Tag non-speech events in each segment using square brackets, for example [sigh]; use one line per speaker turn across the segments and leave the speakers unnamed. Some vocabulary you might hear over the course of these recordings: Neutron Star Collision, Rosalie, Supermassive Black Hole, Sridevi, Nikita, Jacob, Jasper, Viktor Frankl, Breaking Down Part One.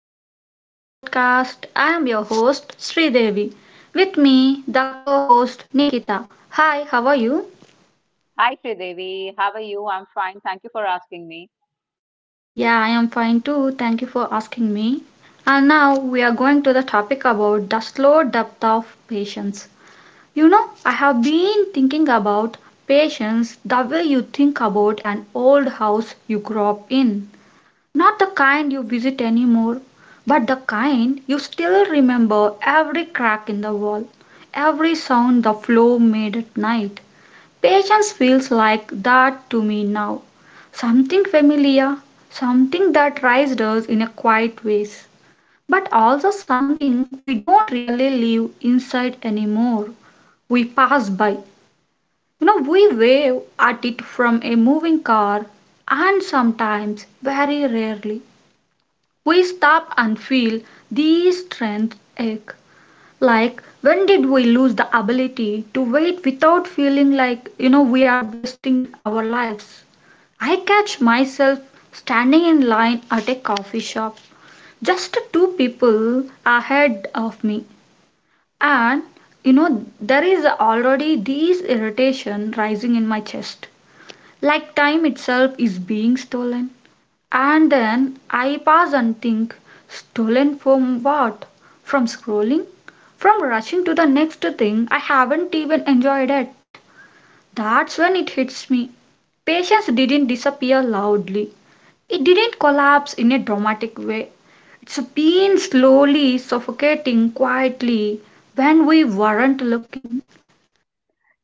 welcome back to the podcast. I am your host Sridevi. With me, the co-host Nikita. Hi, how are you?
Hi, Sridevi. How are you? I'm fine. Thank you for asking me.
Yeah, I am fine too. Thank you for asking me. And now we are going to the topic about the slow depth of patience. You know, I have been thinking about patience the way you think about an old house you grew up in. Not the kind you visit anymore, but the kind you still remember every crack in the wall, every sound the flow made at night. Patience feels like that to me now. Something familiar, something that raised us in a quiet ways, but also something we don't really live inside anymore. We pass by. You know, we wave at it from a moving car and sometimes, very rarely, we stop and feel these strength ache. Like, when did we lose the ability to wait without feeling like, we are wasting our lives? I catch myself standing in line at a coffee shop, just two people ahead of me. And, you know, there is already this irritation rising in my chest. Like, time itself is being stolen. And then I pause and think stolen from what? From scrolling? From rushing to the next thing? I haven't even enjoyed it. That's when it hits me. Patience didn't disappear loudly, it didn't collapse in a dramatic way. It's been slowly suffocating quietly when we weren't looking.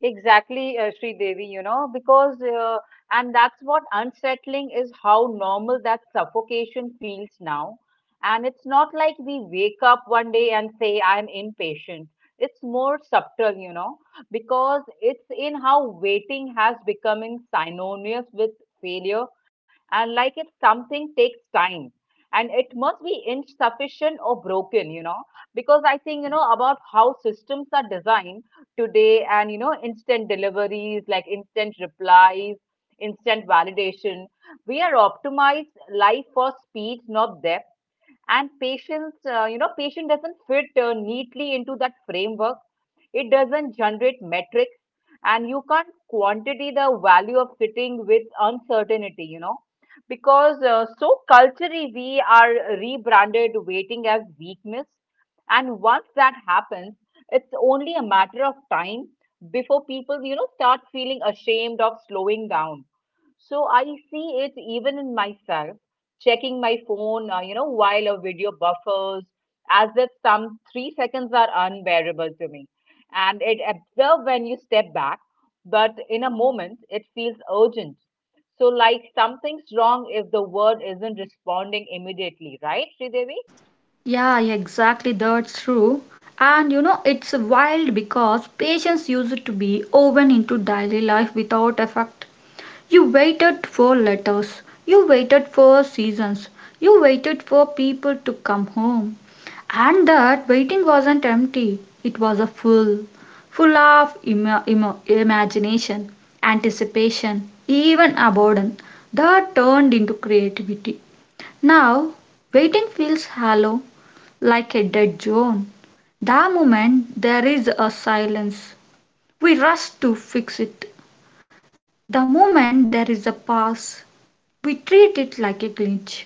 Exactly, Sri Devi, because, and that's what unsettling is how normal that suffocation feels now. And it's not like we wake up one day and say, I'm impatient. It's more subtle, because it's in how waiting has becoming synonymous with failure. And like if something takes time, and it must be insufficient or broken, because I think, about how systems are designed today. And instant deliveries, like instant replies, instant validation, we are optimized life for speed, not depth. And patients, patient doesn't fit neatly into that framework. It doesn't generate metrics, and you can't quantity the value of sitting with uncertainty because so culturally we are rebranded waiting as weakness. And once that happens, it's only a matter of time before people start feeling ashamed of slowing down. So I see it even in myself, checking my phone, while a video buffers, as if some 3 seconds are unbearable to me. And it observe when you step back, but in a moment it feels urgent. So like something's wrong if the word isn't responding immediately, right, Sridevi?
Yeah, exactly, that's true. And you know, it's wild because patients used to be woven into daily life without effect. You waited for letters, you waited for seasons, you waited for people to come home. And that waiting wasn't empty, it was a full, full of imagination, anticipation, even abandon that turned into creativity. Now, waiting feels hollow like a dead zone, the moment there is a silence, we rush to fix it; the moment there is a pause, we treat it like a glitch.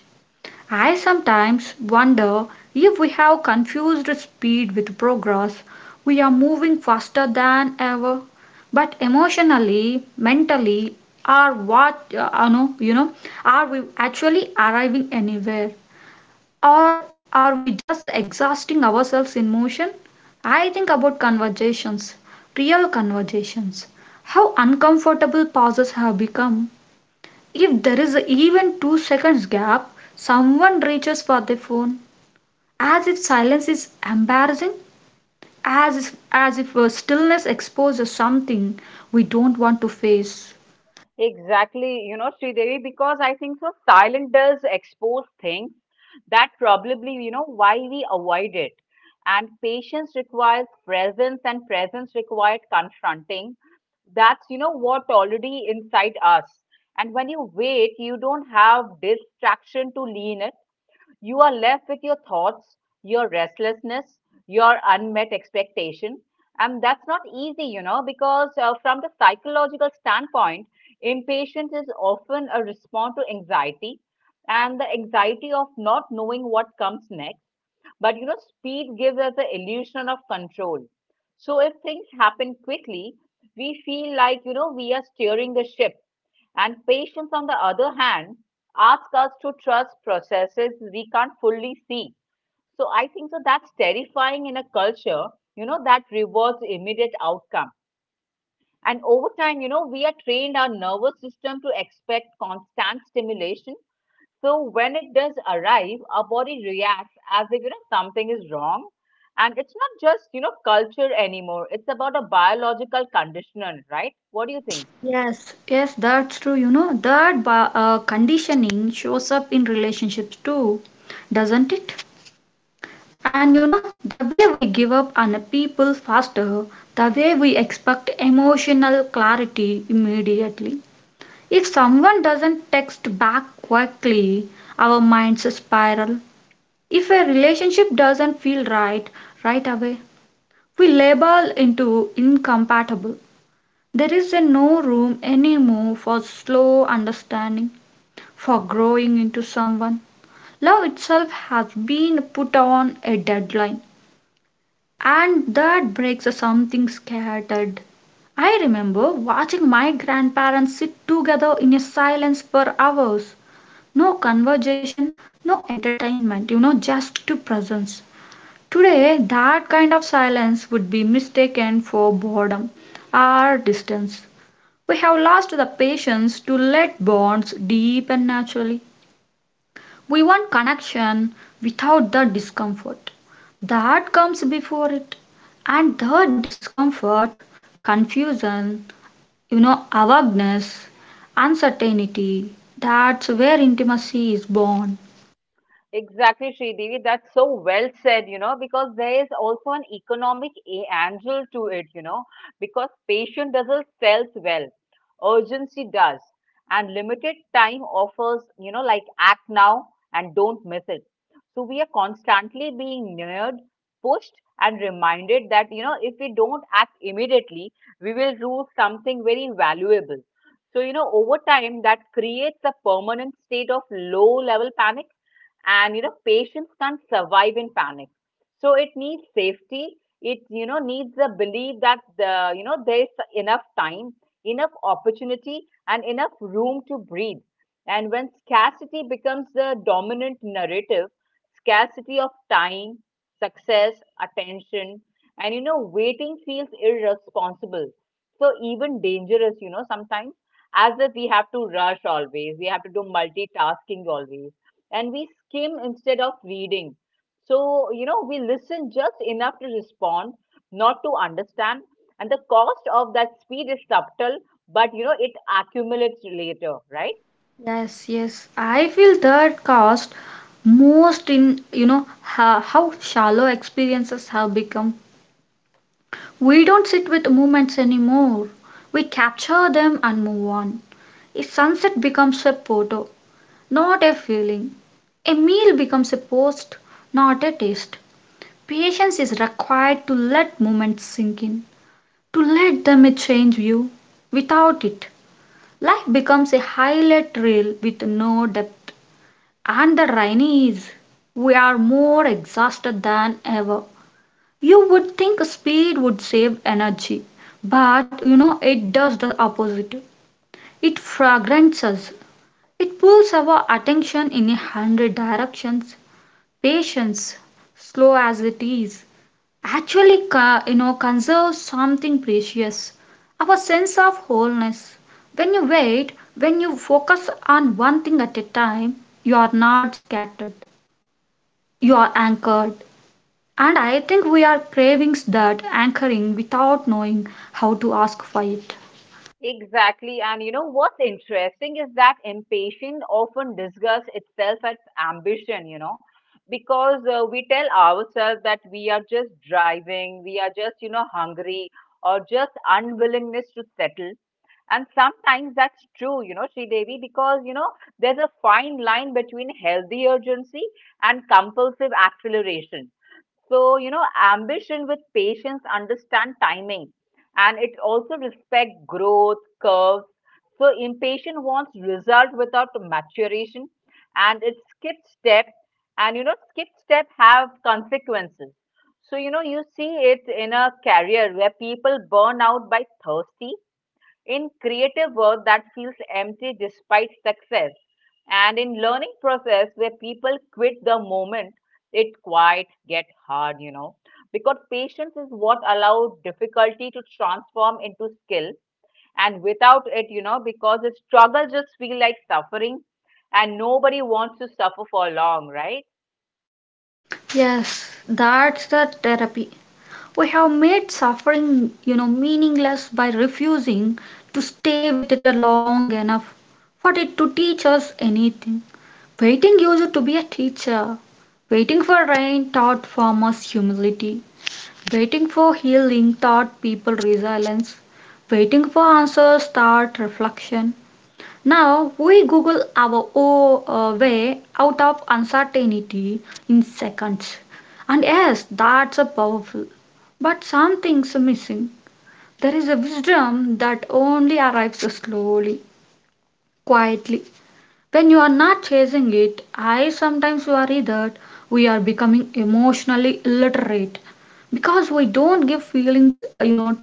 I sometimes wonder if we have confused speed with progress. We are moving faster than ever, but emotionally, mentally, are what are we actually arriving anywhere? Or are we just exhausting ourselves in motion? I think about conversations, real conversations. How uncomfortable pauses have become. If there is even two seconds gap, someone reaches for their phone. As if silence is embarrassing, as if stillness exposes something we don't want to face.
Exactly, Sridevi, because I think so silent does expose things that probably, why we avoid it. And patience requires presence, and presence requires confronting. That's, what already inside us. And when you wait, you don't have distraction to lean it. You are left with your thoughts, your restlessness, your unmet expectation. And that's not easy, because from the psychological standpoint, impatience is often a response to anxiety, and the anxiety of not knowing what comes next. But speed gives us the illusion of control. So if things happen quickly, we feel like, we are steering the ship. And patience, on the other hand, asks us to trust processes we can't fully see. So I think so that's terrifying in a culture, that rewards immediate outcome. And over time, we are trained our nervous system to expect constant stimulation. So when it does arrive, our body reacts as if something is wrong. And it's not just, culture anymore. It's about a biological conditioner, right? What do you think?
Yes, yes, that's true. You know, that conditioning shows up in relationships too, doesn't it? And you know, the way we give up on the people faster, the way we expect emotional clarity immediately. If someone doesn't text back quickly, our minds spiral. If a relationship doesn't feel right right away, we label into incompatible. There is a no room anymore for slow understanding, for growing into someone. Love itself has been put on a deadline, and that breaks something scattered. I remember watching my grandparents sit together in a silence for hours. No conversation, no entertainment, you know, just to presence. Today, that kind of silence would be mistaken for boredom or distance. We have lost the patience to let bonds deepen naturally. We want connection without the discomfort. The heart comes before it, and the discomfort, confusion, you know, awareness, uncertainty. That's where intimacy is born.
Exactly, Sridevi. That's so well said, because there is also an economic angle to it, because patient doesn't sells well, urgency does, and limited time offers, like act now and don't miss it. So we are constantly being nudged, pushed, and reminded that, if we don't act immediately, we will lose something very valuable. So, over time, that creates a permanent state of low level panic. And patients can't survive in panic. So it needs safety. It needs the belief that the there is enough time, enough opportunity, and enough room to breathe. And when scarcity becomes the dominant narrative, scarcity of time, success, attention, and waiting feels irresponsible, so even dangerous, sometimes, as if we have to rush always, we have to do multitasking always. And we skim instead of reading. So, we listen just enough to respond, not to understand. And the cost of that speed is subtle, but it accumulates later, right?
Yes, yes, I feel that cost most in you know how shallow experiences have become. We don't sit with moments anymore. We capture them and move on. A sunset becomes a photo, not a feeling. A meal becomes a post, not a taste. Patience is required to let moments sink in, to let them change you. Without it, life becomes a highlight reel with no depth. And the irony is, we are more exhausted than ever. You would think speed would save energy, but you know it does the opposite. It fragments us. It pulls our attention in a hundred directions. Patience, slow as it is, actually, conserves something precious, our sense of wholeness. When you wait, when you focus on one thing at a time, you are not scattered, you are anchored. And I think we are craving that anchoring without knowing how to ask for it.
Exactly. And what's interesting is that impatience often disguises itself as ambition, because we tell ourselves that we are just driving, we are just, hungry, or just unwillingness to settle. And sometimes that's true, Sri Devi, because, there's a fine line between healthy urgency and compulsive acceleration. So, ambition with patience understand timing, and it also respect growth curves. So impatient wants result without maturation, and it skips step, and skip step have consequences. So you see it in a career where people burn out by thirsty, in creative work that feels empty despite success, and in learning process where people quit the moment it quite get hard because patience is what allow difficulty to transform into skill. And without it, because the struggle just feel like suffering, and nobody wants to suffer for long, right?
Yes, that's the therapy. We have made suffering, you know, meaningless by refusing to stay with it long enough for it to teach us anything. Waiting used to be a teacher. Waiting for rain taught farmers humility. Waiting for healing taught people resilience. Waiting for answers taught reflection. Now we Google our way out of uncertainty in seconds. And yes, that's a powerful. But something's missing. There is a wisdom that only arrives slowly, quietly, when you are not chasing it. I sometimes worry that we are becoming emotionally illiterate because we don't give feelings,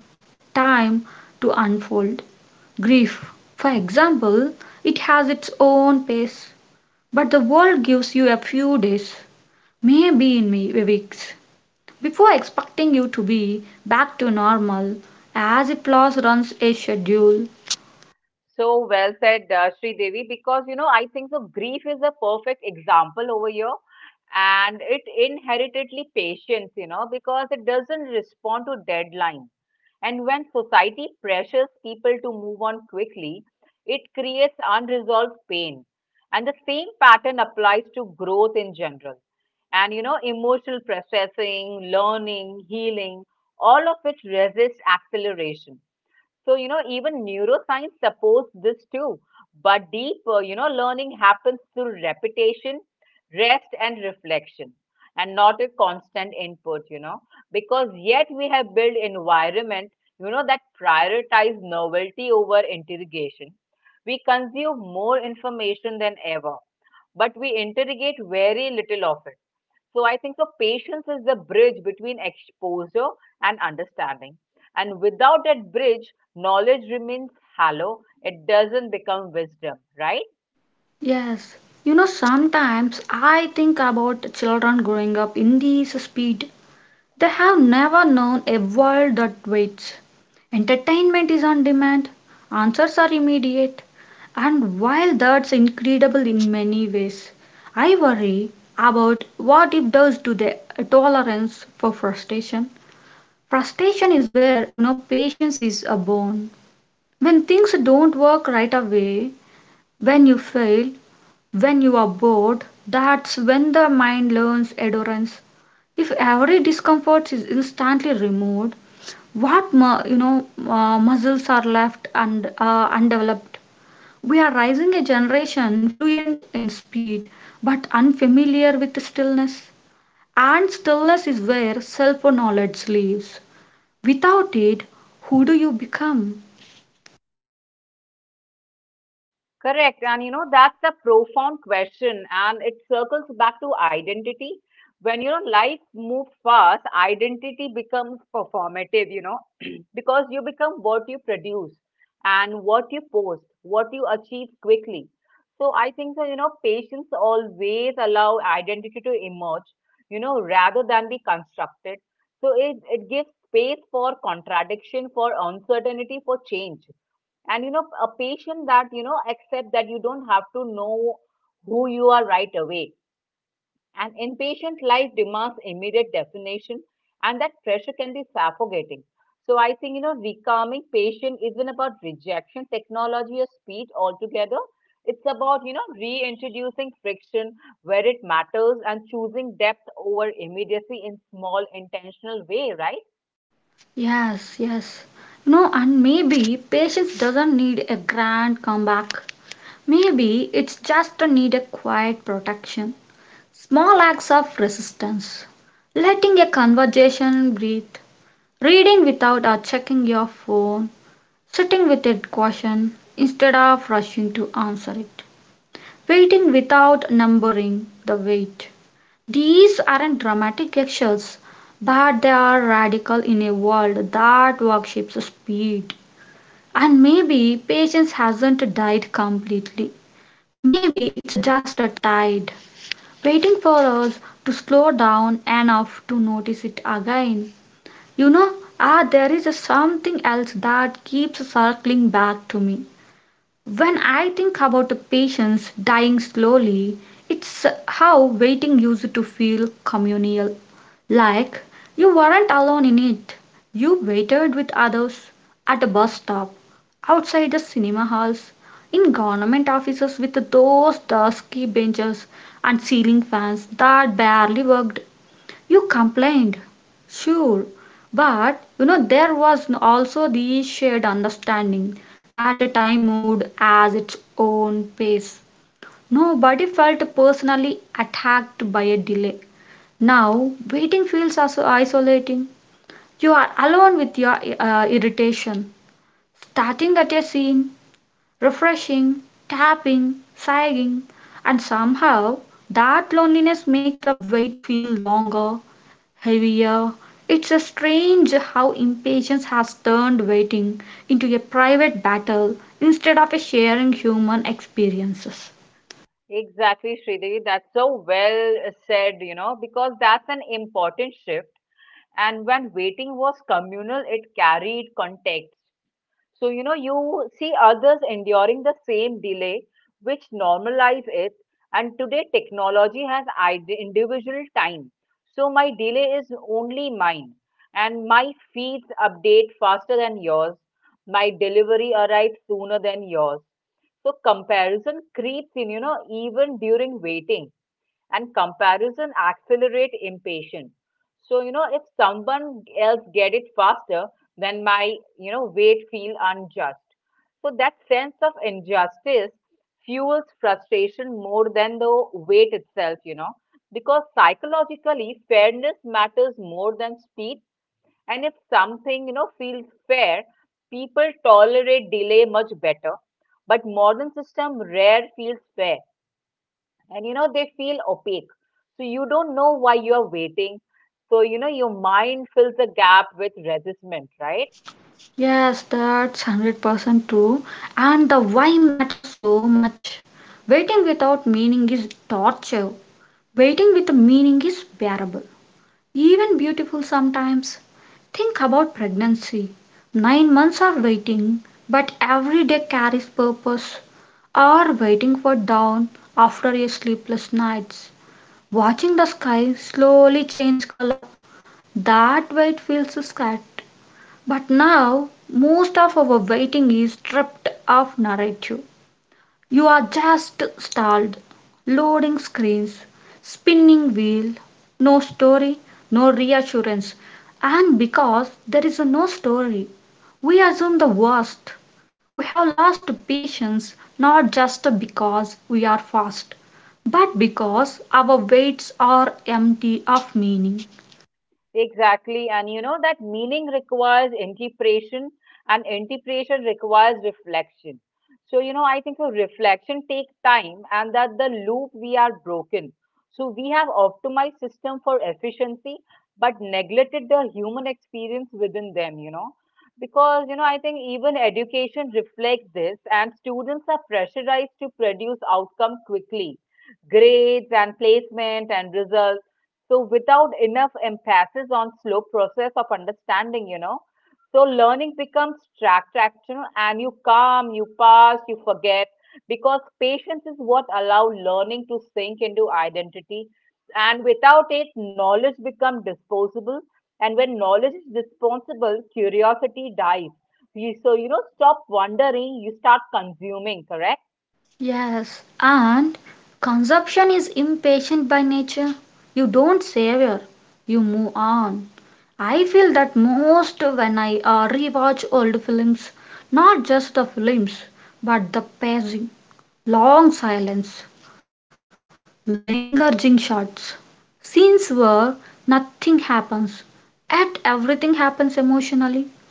time to unfold. Grief, for example, it has its own pace, but the world gives you a few days, maybe in weeks, before expecting you to be back to normal as if loss runs a schedule.
So well said, Sri Devi, because I think the grief is a perfect example over here, and it inheritedly patience, because it doesn't respond to deadline. And when society pressures people to move on quickly, it creates unresolved pain. And the same pattern applies to growth in general. And emotional processing, learning, healing, all of which resist acceleration. So, even neuroscience supports this too. But deeper, learning happens through repetition, rest, and reflection, and not a constant input, because yet we have built environment, that prioritize novelty over interrogation. We consume more information than ever, but we interrogate very little of it. So I think the patience is the bridge between exposure and understanding. And without that bridge, knowledge remains hollow. It doesn't become wisdom, right?
Yes, you know, sometimes I think about children growing up in this speed. They have never known a world that waits. Entertainment is on demand, answers are immediate, and while that's incredible in many ways, I worry about what it does to their tolerance for frustration. Frustration is where, you know, patience is a bone. When things don't work right away, when you fail, when you are bored, that's when the mind learns endurance. If every discomfort is instantly removed, what muscles are left and undeveloped? We are rising a generation fluent in speed but unfamiliar with stillness. And stillness is where self knowledge lives. Without it, who do you become?
Correct. And that's a profound question. And it circles back to identity. When life moves fast, identity becomes performative, [clears throat] because you become what you produce and what you post, what you achieve quickly. So I think that patients always allow identity to emerge, rather than be constructed. So it gives space for contradiction, for uncertainty, for change. And a patient that accept that you don't have to know who you are right away. And inpatient life demands immediate definition, and that pressure can be suffocating. So I think recalming patient isn't about rejection technology or speed altogether. It's about reintroducing friction where it matters, and choosing depth over immediacy in small intentional way, right?
Yes, yes. You know, and maybe patience doesn't need a grand comeback. Maybe it's just a need a quiet protection, small acts of resistance, letting a conversation breathe, reading without or checking your phone, sitting with a caution instead of rushing to answer it, waiting without numbering the wait. These aren't dramatic actions, but they are radical in a world that worships speed. And maybe patience hasn't died completely. Maybe it's a just a tide waiting for us to slow down enough to notice it again. You know, there is a something else that keeps circling back to me. When I think about a patient's dying slowly, it's how waiting used to feel communal. Like you weren't alone in it. You waited with others at a bus stop, outside the cinema halls, in government offices with those dusky benches and ceiling fans that barely worked. You complained, sure, but you know there was also the shared understanding that the time moved at its own pace. Nobody felt personally attacked by a delay. Now, waiting feels also isolating. You are alone with your irritation. Starting at a scene, refreshing, tapping, sighing, and somehow that loneliness makes the wait feel longer, heavier. It's a strange how impatience has turned waiting into a private battle instead of a sharing human experiences.
Exactly, Sridevi. That's so well said, because that's an important shift. And when waiting was communal, it carried context. So, you see others enduring the same delay, which normalize it. And today, technology has individual time. So, my delay is only mine. And my feeds update faster than yours. My delivery arrives sooner than yours. So, comparison creeps in, even during waiting. And comparison accelerate impatience. So if someone else get it faster, then my wait feel unjust. So that sense of injustice fuels frustration more than the weight itself because psychologically fairness matters more than speed. And if something feels fair, people tolerate delay much better. But modern system rare feels fair, and they feel opaque. So you don't know why you're waiting. So your mind fills the gap with resentment, right?
Yes, that's 100% true. And the why matters so much. Waiting without meaning is torture. Waiting with a meaning is bearable. Even beautiful sometimes. Think about pregnancy, nine months of waiting, but every day carries purpose. Or waiting for dawn after your sleepless nights, watching the sky slowly change color. That wait feels sad. But now, most of our waiting is stripped of narrative. You are just stalled. Loading screens, spinning wheel, no story, no reassurance. And because there is no story, we assume the worst. We have lost patience not just because we are fast, but because our weights are empty of meaning.
Exactly. And that meaning requires interpretation, and interpretation requires reflection. So, I think so reflection takes time, and that the loop we are broken. So we have optimized system for efficiency, but neglected the human experience within them. Because, I think even education reflects this, and students are pressurized to produce outcome quickly. Grades and placement and results, so without enough emphasis on slow process of understanding so learning becomes tracked and you come, you pass, you forget, because patience is what allow learning to sink into identity. And without it, knowledge becomes disposable. And when knowledge is disposable, curiosity dies. You so stop wondering, you start consuming, correct.
Yes, and consumption is impatient by nature. You don't savor, you move on. I feel that most when I rewatch old films, not just the films, but the pacing, long silence, lingering shots, scenes where nothing happens, yet everything happens emotionally.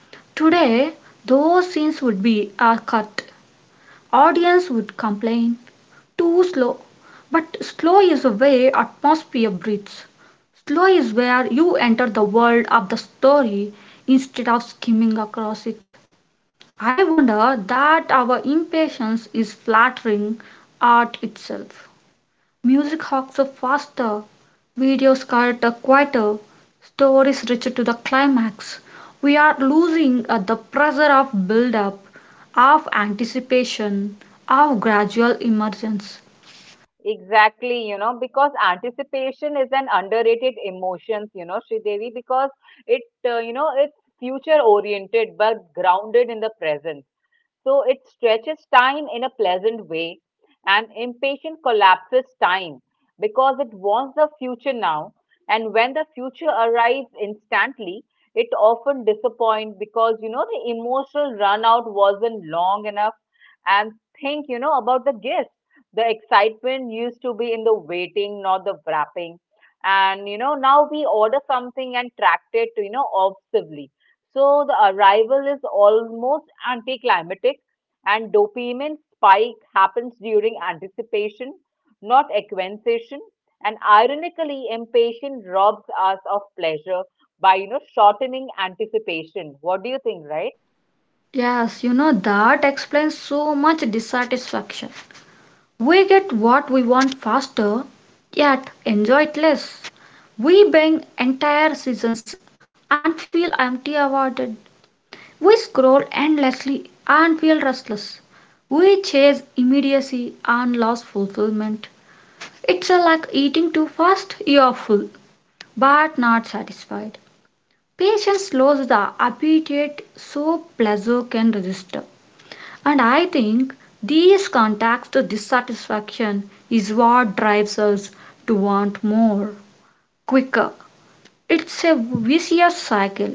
Today, those scenes would be cut. Audience would complain, too slow. But slow is the way atmosphere breathes. Slow is where you enter the world of the story instead of skimming across it. I wonder that our impatience is flattering art itself. Music hawks are faster, videos cut are quieter, stories richer to the climax. We are losing the pressure of build up, of anticipation, of gradual emergence.
Exactly, because anticipation is an underrated emotion, Sridevi, because it, it's future oriented but grounded in the present. So it stretches time in a pleasant way, and impatient collapses time because it wants the future now. And when the future arrives instantly, it often disappoints because the emotional run out wasn't long enough. And think, about the gifts. The excitement used to be in the waiting, not the wrapping. And now we order something and track it, obsessively, so the arrival is almost anticlimactic, and dopamine spike happens during anticipation, not acquisition. And ironically, impatience robs us of pleasure by shortening anticipation. What do you think, right?
Yes, you know, that explains so much dissatisfaction. We get what we want faster, yet enjoy it less. We bang entire seasons and feel empty about it. We scroll endlessly and feel restless. We chase immediacy and lose fulfillment. It's like eating too fast, you're full, but not satisfied. Patience slows the appetite so pleasure can register. And I think these contacts, the dissatisfaction is what drives us to want more, quicker. It's a vicious cycle.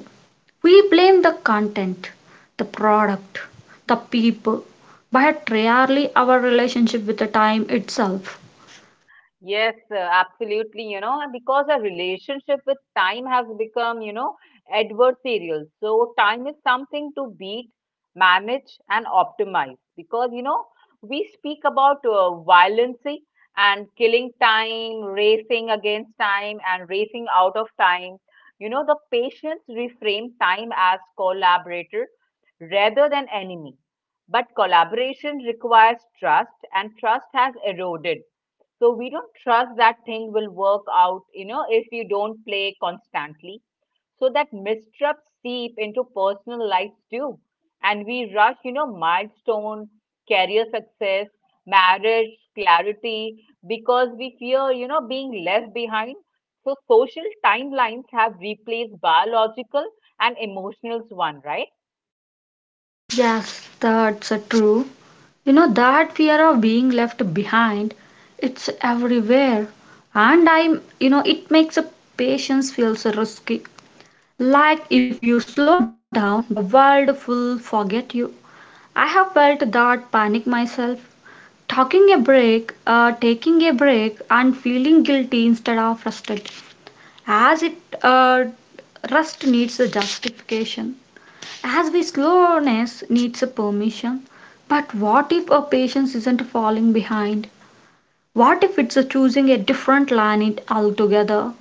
We blame the content, the product, the people, but rarely our relationship with the time itself.
Yes, absolutely. And because our relationship with time has become, adversarial. So time is something to beat, manage, and optimize. Because, we speak about violence and killing time, racing against time, and racing out of time. The patients reframe time as collaborator rather than enemy. But collaboration requires trust, and trust has eroded, so we don't trust that thing will work out, if you don't play constantly. So that mistrusts seep into personal lives too. And we rush, you know, milestone, career success, marriage, clarity, because we fear, you know, being left behind. So social timelines have replaced biological and emotional one, right?
Yes, that's true. You know, that fear of being left behind, it's everywhere. And it makes a patience feels risky. Like if you slow down, the world will forget you. I have felt that panic myself. Talking a break, taking a break, and feeling guilty instead of frustrated, as it uh, rust needs a justification, as we slowness needs a permission. But what if a patience isn't falling behind? What if it's a choosing a different line it altogether?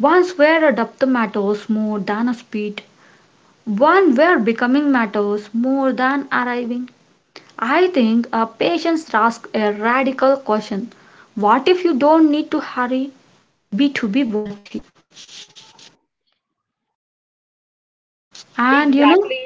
Once where a depth matters more than a speed. One where becoming matters more than arriving. I think a patience asks a radical question. What if you don't need to hurry, be to be worthy? And you know,
Exactly.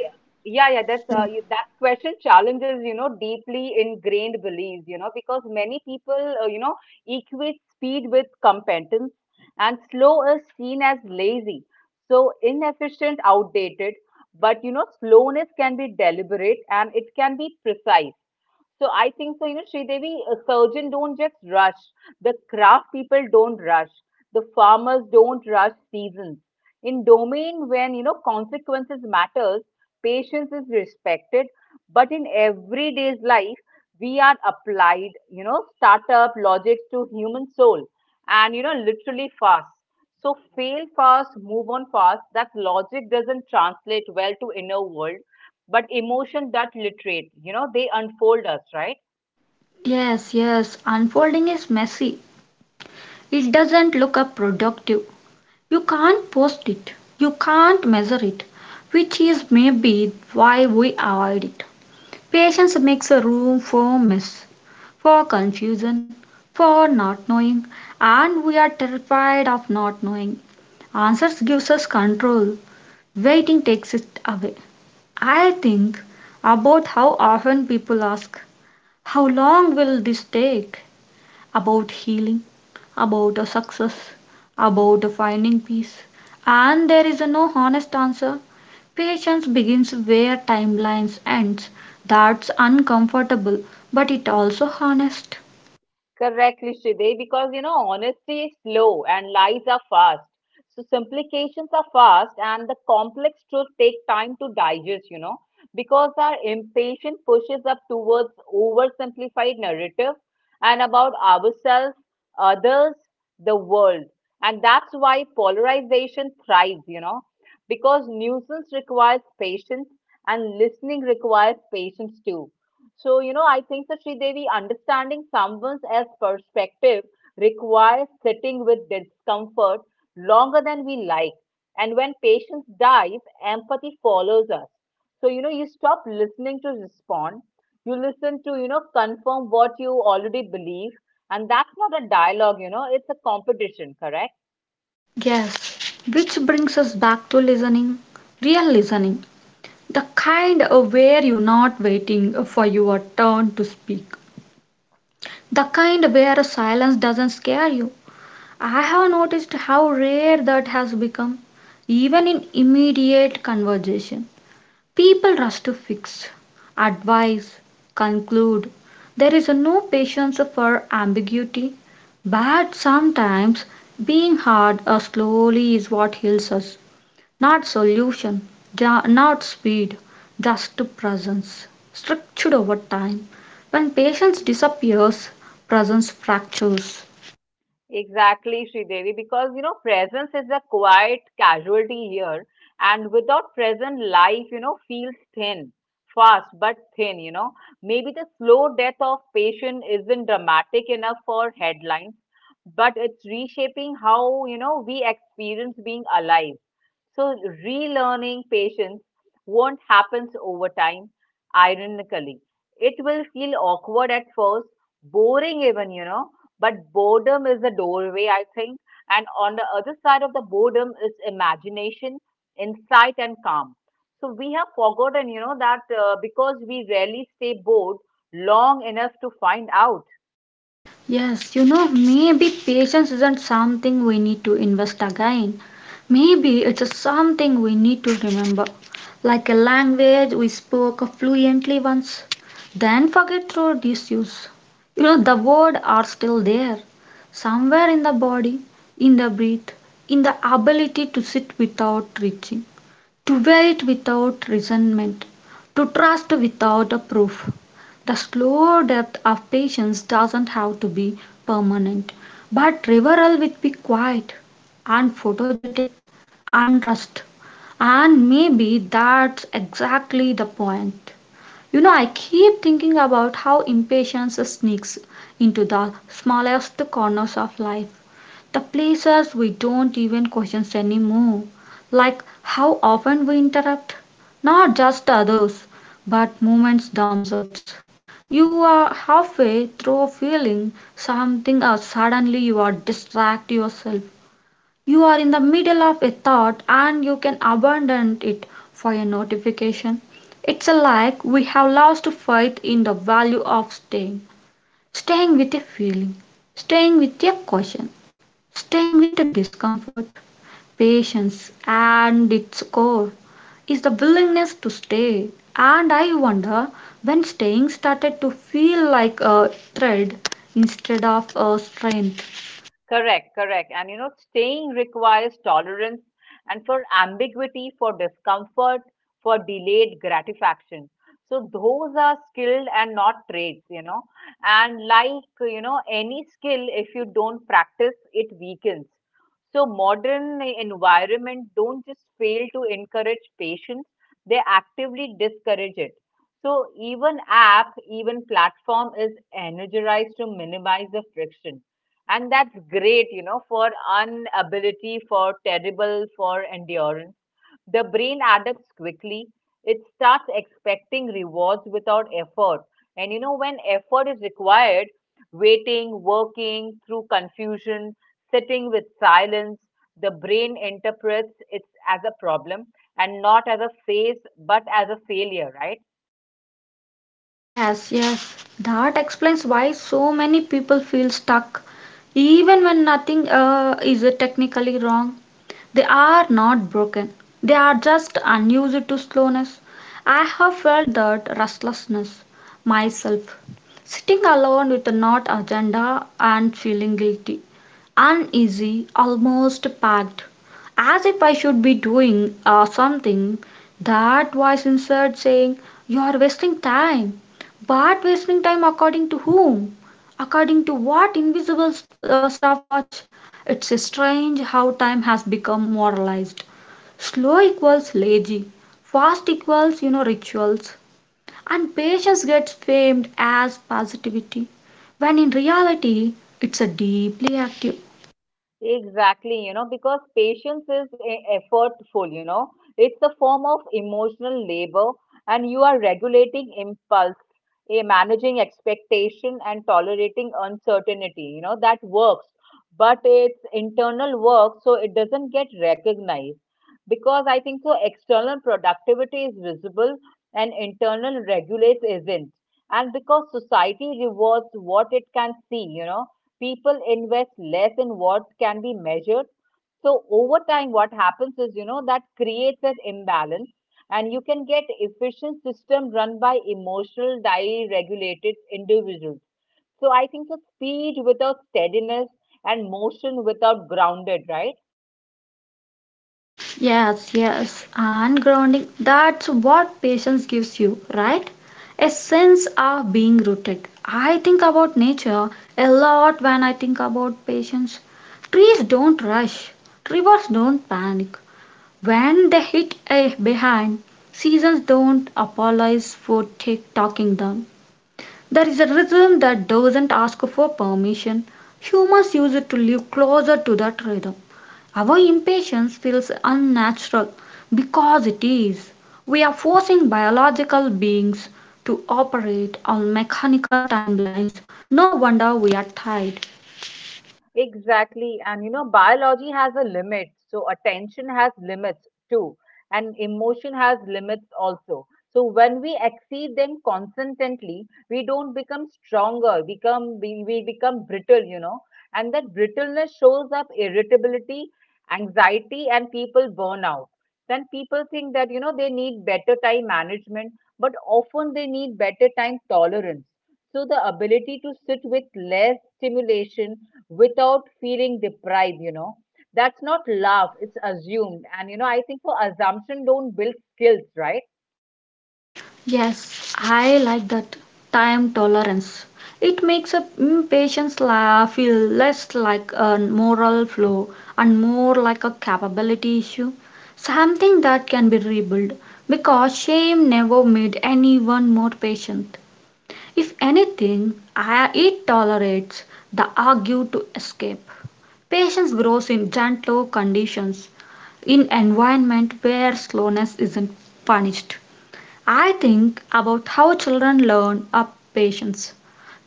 Yeah, that's that question challenges, you know, deeply ingrained beliefs, you know, because many people, you know, equate speed with competence and slow is seen as lazy. So inefficient, outdated, but you know, slowness can be deliberate and it can be precise. So I think so, you know, Sridevi, a surgeon don't just rush. The craft people don't rush. The farmers don't rush seasons. In domain when, you know, consequences matters, patience is respected. But in everyday's life, we are applied, you know, startup logic to human soul and, you know, literally fast. So fail fast, move on fast. That logic doesn't translate well to inner world but emotion that literate you know they unfold us right.
yes, yes, unfolding is messy. It doesn't look up productive. You can't post it. You can't measure it, which is maybe why we avoid it. Patience makes a room for mess, for confusion, for not knowing, and we are terrified of not knowing. Answers gives us control, waiting takes it away. I think about how often people ask, how long will this take? About healing, about a success, about a finding peace, and there is a no honest answer. Patience begins where timelines ends. That's uncomfortable, but it also honest.
Correctly, Sridevi, because you know, honesty is slow and lies are fast. So simplifications are fast and the complex truth take time to digest, you know, because our impatience pushes up towards oversimplified narrative and about ourselves, others, the world. And that's why polarization thrives, you know, because nuisance requires patience and listening requires patience too. So, you know, I think that Devi understanding someone else's perspective requires sitting with discomfort longer than we like. And when patients dies, empathy follows us. So, you know, you stop listening to respond. You listen to, you know, confirm what you already believe. And that's not a dialogue, you know, it's a competition, correct?
Yes, which brings us back to listening, real listening, the kind of where you're not waiting for your turn to speak, the kind where silence doesn't scare you. I have noticed how rare that has become, even in immediate conversation. People rush to fix, advise, conclude. There is no patience for ambiguity, but sometimes being hard or slowly is what heals us. Not solution, not speed, just presence, structured over time. When patience disappears, presence fractures.
Exactly, Sridevi, because you know, presence is a quiet casualty here, and without present, life you know feels thin, fast but thin. You know, maybe the slow death of patient isn't dramatic enough for headlines, but it's reshaping how you know we experience being alive. So, relearning patience won't happen over time, ironically. It will feel awkward at first, boring even, you know, but boredom is the doorway, I think. And on the other side of the boredom is imagination, insight, and calm. So we have forgotten, you know, that because we rarely stay bored long enough to find out.
Yes, you know, maybe patience isn't something we need to invest again. Maybe it's just something we need to remember. Like a language we spoke fluently once, then forget through disuse. You know, the words are still there, somewhere in the body, in the breath, in the ability to sit without reaching. To wait without resentment, to trust without a proof. The slow depth of patience doesn't have to be permanent, but reveral will be quiet and photogenic and rust. And maybe that's exactly the point. You know, I keep thinking about how impatience sneaks into the smallest corners of life, the places we don't even question anymore, like how often we interrupt not just others but moments themselves. You are halfway through feeling something or suddenly you are distract yourself. You are in the middle of a thought and you can abandon it for a notification. It's like we have lost faith in the value of staying, staying with a feeling, staying with a question, staying with the discomfort. Patience, and its core, is the willingness to stay. And I wonder when staying started to feel like a thread instead of a strength.
Correct. And you know, staying requires tolerance and for ambiguity, for discomfort, for delayed gratification. So those are skilled and not traits, you know. And like, you know, any skill, if you don't practice, it weakens. So modern environment don't just fail to encourage patience, they actively discourage it. So even app, even platform is energized to minimize the friction. And that's great, you know, for unability, for terrible, for endurance. The brain adapts quickly. It starts expecting rewards without effort. And you know, when effort is required, waiting, working through confusion, sitting with silence, the brain interprets it as a problem and not as a phase, but as a failure, right?
Yes, yes, that explains why so many people feel stuck, even when nothing is technically wrong. They are not broken, they are just unused to slowness. I have felt that restlessness myself, sitting alone with not agenda and feeling guilty, uneasy, almost packed, as if I should be doing something. That voice inside saying, you are wasting time. But wasting time according to whom? According to what invisible stopwatch? It's strange how time has become moralized. Slow equals lazy, fast equals, you know, rituals, and patience gets famed as positivity, when in reality, it's a deeply active.
Exactly, you know, because patience is effortful, you know, it's a form of emotional labor, and you are regulating impulse, managing expectation, and tolerating uncertainty. You know, that works, but it's internal work, so it doesn't get recognized. Because I think so, external productivity is visible and internal regulates isn't. And because society rewards what it can see, you know people invest less in what can be measured. So over time, what happens is, you know, that creates an imbalance and you can get efficient system run by emotional regulated individuals. So I think the speed without steadiness and motion without grounded, right?
Yes, yes, and grounding. That's what patience gives you, right? A sense of being rooted. I think about nature a lot when I think about patience. Trees don't rush, rivers don't panic, when they hit a behind, seasons don't apologize for tick talking them. There is a rhythm that doesn't ask for permission. Humans use it to live closer to that rhythm. Our impatience feels unnatural because it is. We are forcing biological beings to operate on mechanical timelines. No wonder we are tired.
Exactly. And you know, biology has a limit. So attention has limits too. And emotion has limits also. So when we exceed them consistently, we don't become stronger, we become brittle, you know. And that brittleness shows up irritability, anxiety, and people burn out. Then people think that, you know, they need better time management, but often they need better time tolerance. So the ability to sit with less stimulation without feeling deprived you know that's not love it's assumed and you know I think for assumption don't build skills right.
Yes, I like that time tolerance. It makes a patient's feel less like a moral flaw and more like a capability issue, something that can be rebuilt because shame never made anyone more patient. If anything, it tolerates the argue to escape. Patience grows in gentle conditions, in environment where slowness isn't punished. I think about how children learn up patience,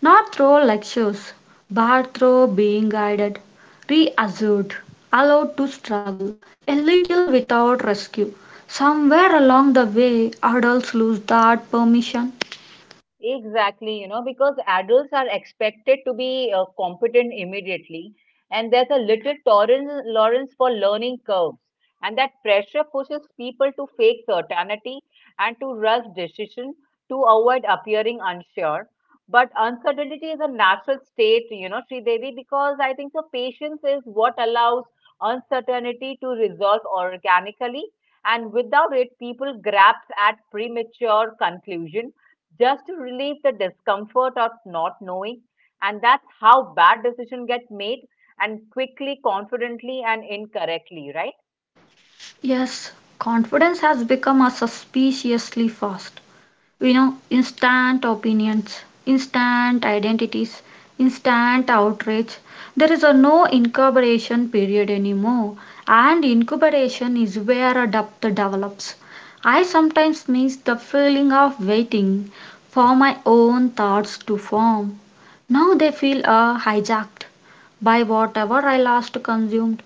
not through lectures, but through being guided, reassured, allowed to struggle a little without rescue. Somewhere along the way, adults lose that permission.
Exactly, you know, because adults are expected to be competent immediately, and there's a little tolerance for learning curves, and that pressure pushes people to fake certainty and to rush decision to avoid appearing unsure. But uncertainty is a natural state, you know, Sri Devi, because I think so patience is what allows uncertainty to resolve organically, and without it, people grasp at premature conclusion just to relieve the discomfort of not knowing and that's how bad decisions get made and quickly confidently and incorrectly right.
Yes, confidence has become a suspiciously fast. We know instant opinions, instant identities, instant outrage. There is a no incubation period anymore, and incubation is where a depth develops. I sometimes miss the feeling of waiting for my own thoughts to form. Now they feel hijacked by whatever I last consumed.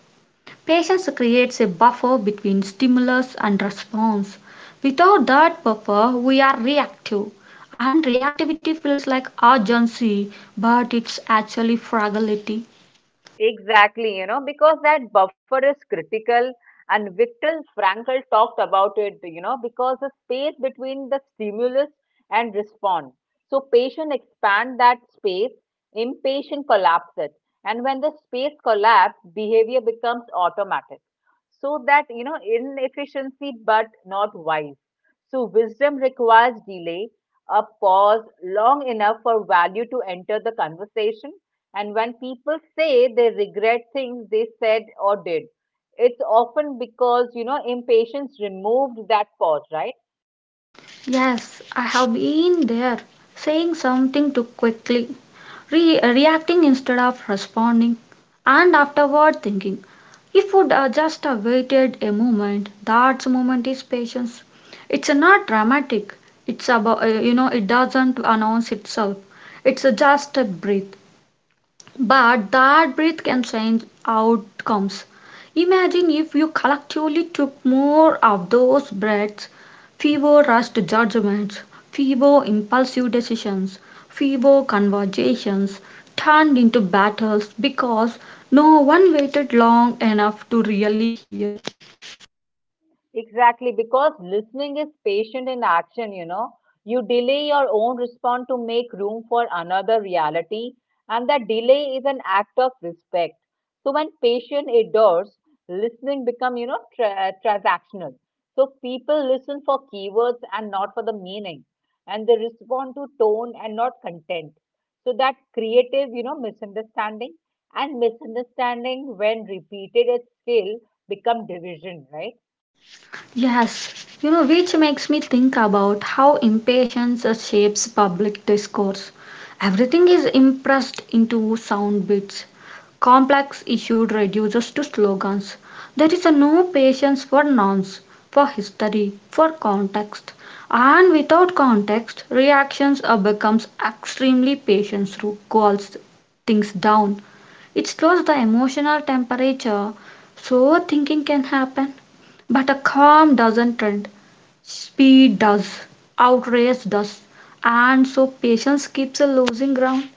Patience creates a buffer between stimulus and response. Without that buffer, we are reactive, and reactivity feels like urgency, but it's actually fragility.
Exactly, you know, because that buffer is critical, and Viktor Frankl talked about it, you know, because the space between the stimulus and response. So patient expand that space, impatient collapse it, and when the space collapse, behavior becomes automatic. So that you know, inefficiency but not wise. So wisdom requires delay, a pause long enough for value to enter the conversation. And when people say they regret things they said or did, it's often because, you know, impatience removed that pause, right?
Yes, I have been there, saying something too quickly, reacting instead of responding, and afterward thinking. If would just waited a moment, that moment is patience. It's not dramatic. It's about it doesn't announce itself. It's just a breath. But that breath can change outcomes. Imagine if you collectively took more of those breaths, fewer rushed judgments, fewer impulsive decisions, fewer conversations turned into battles because no one waited long enough to really hear.
Exactly, because listening is patient in action, you know. You delay your own response to make room for another reality, and that delay is an act of respect. So when patient adores, listening become, you know, transactional. So people listen for keywords and not for the meaning, and they respond to tone and not content. So that creative, you know, misunderstanding and misunderstanding when repeated at scale become division, right?
Yes, you know, which makes me think about how impatience shapes public discourse. Everything is impressed into sound bits. Complex issue reduces to slogans. There is a no patience for nouns, for history, for context. And without context, reactions becomes extremely patience who calls things down. It slows the emotional temperature so thinking can happen. But a calm doesn't trend, speed does, outrace does, and so patience keeps a losing ground.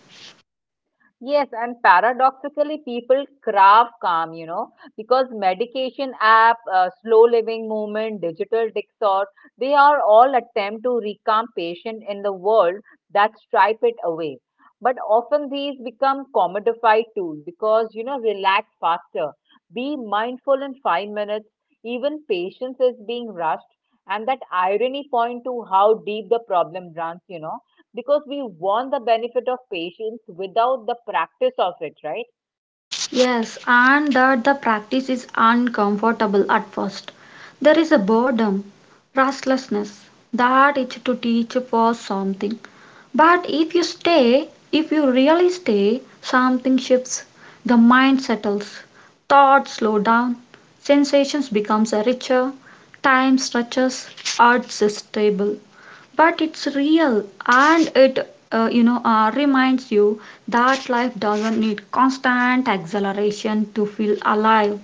Yes, and paradoxically, people crave calm, you know, because medication app, slow living movement, digital detox, they are all attempt to recalm patient in the world that stripe it away. But often these become commodified tools because, you know, relax faster, be mindful in 5 minutes, even patience is being rushed. And that irony point to how deep the problem runs, you know because we want the benefit of patience without the practice of it, right?
Yes, and that the practice is uncomfortable at first. There is a boredom, restlessness, that itch to teach for something. But if you stay, if you really stay, something shifts. The mind settles, thoughts slow down, sensations becomes richer, time stretches, arts is stable. But it's real and it reminds you that life doesn't need constant acceleration to feel alive.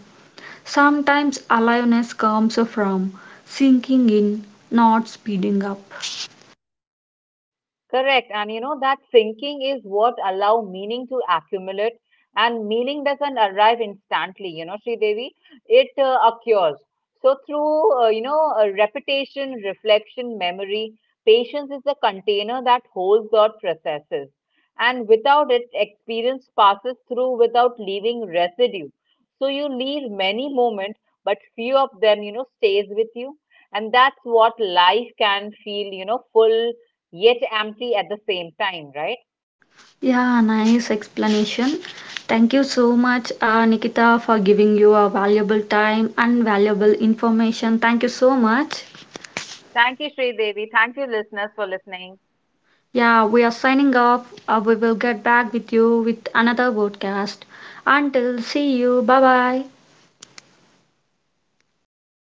Sometimes aliveness comes from sinking in, not speeding up.
Correct. And you know, that thinking is what allow meaning to accumulate and meaning doesn't arrive instantly, you know, Sri Devi, it occurs. So through, you know, repetition, reflection, memory, patience is a container that holds or processes. And without it, experience passes through without leaving residue. So you leave many moments, but few of them, you know, stays with you. And that's what life can feel, you know, full yet empty at the same time, right?
Yeah, nice explanation. Thank you so much, Nikita, for giving you a valuable time and valuable information. Thank you so much.
Thank you, Sri Devi. Thank you, listeners, for listening.
Yeah, we are signing off. We will get back with you with another podcast. Until see you. Bye bye.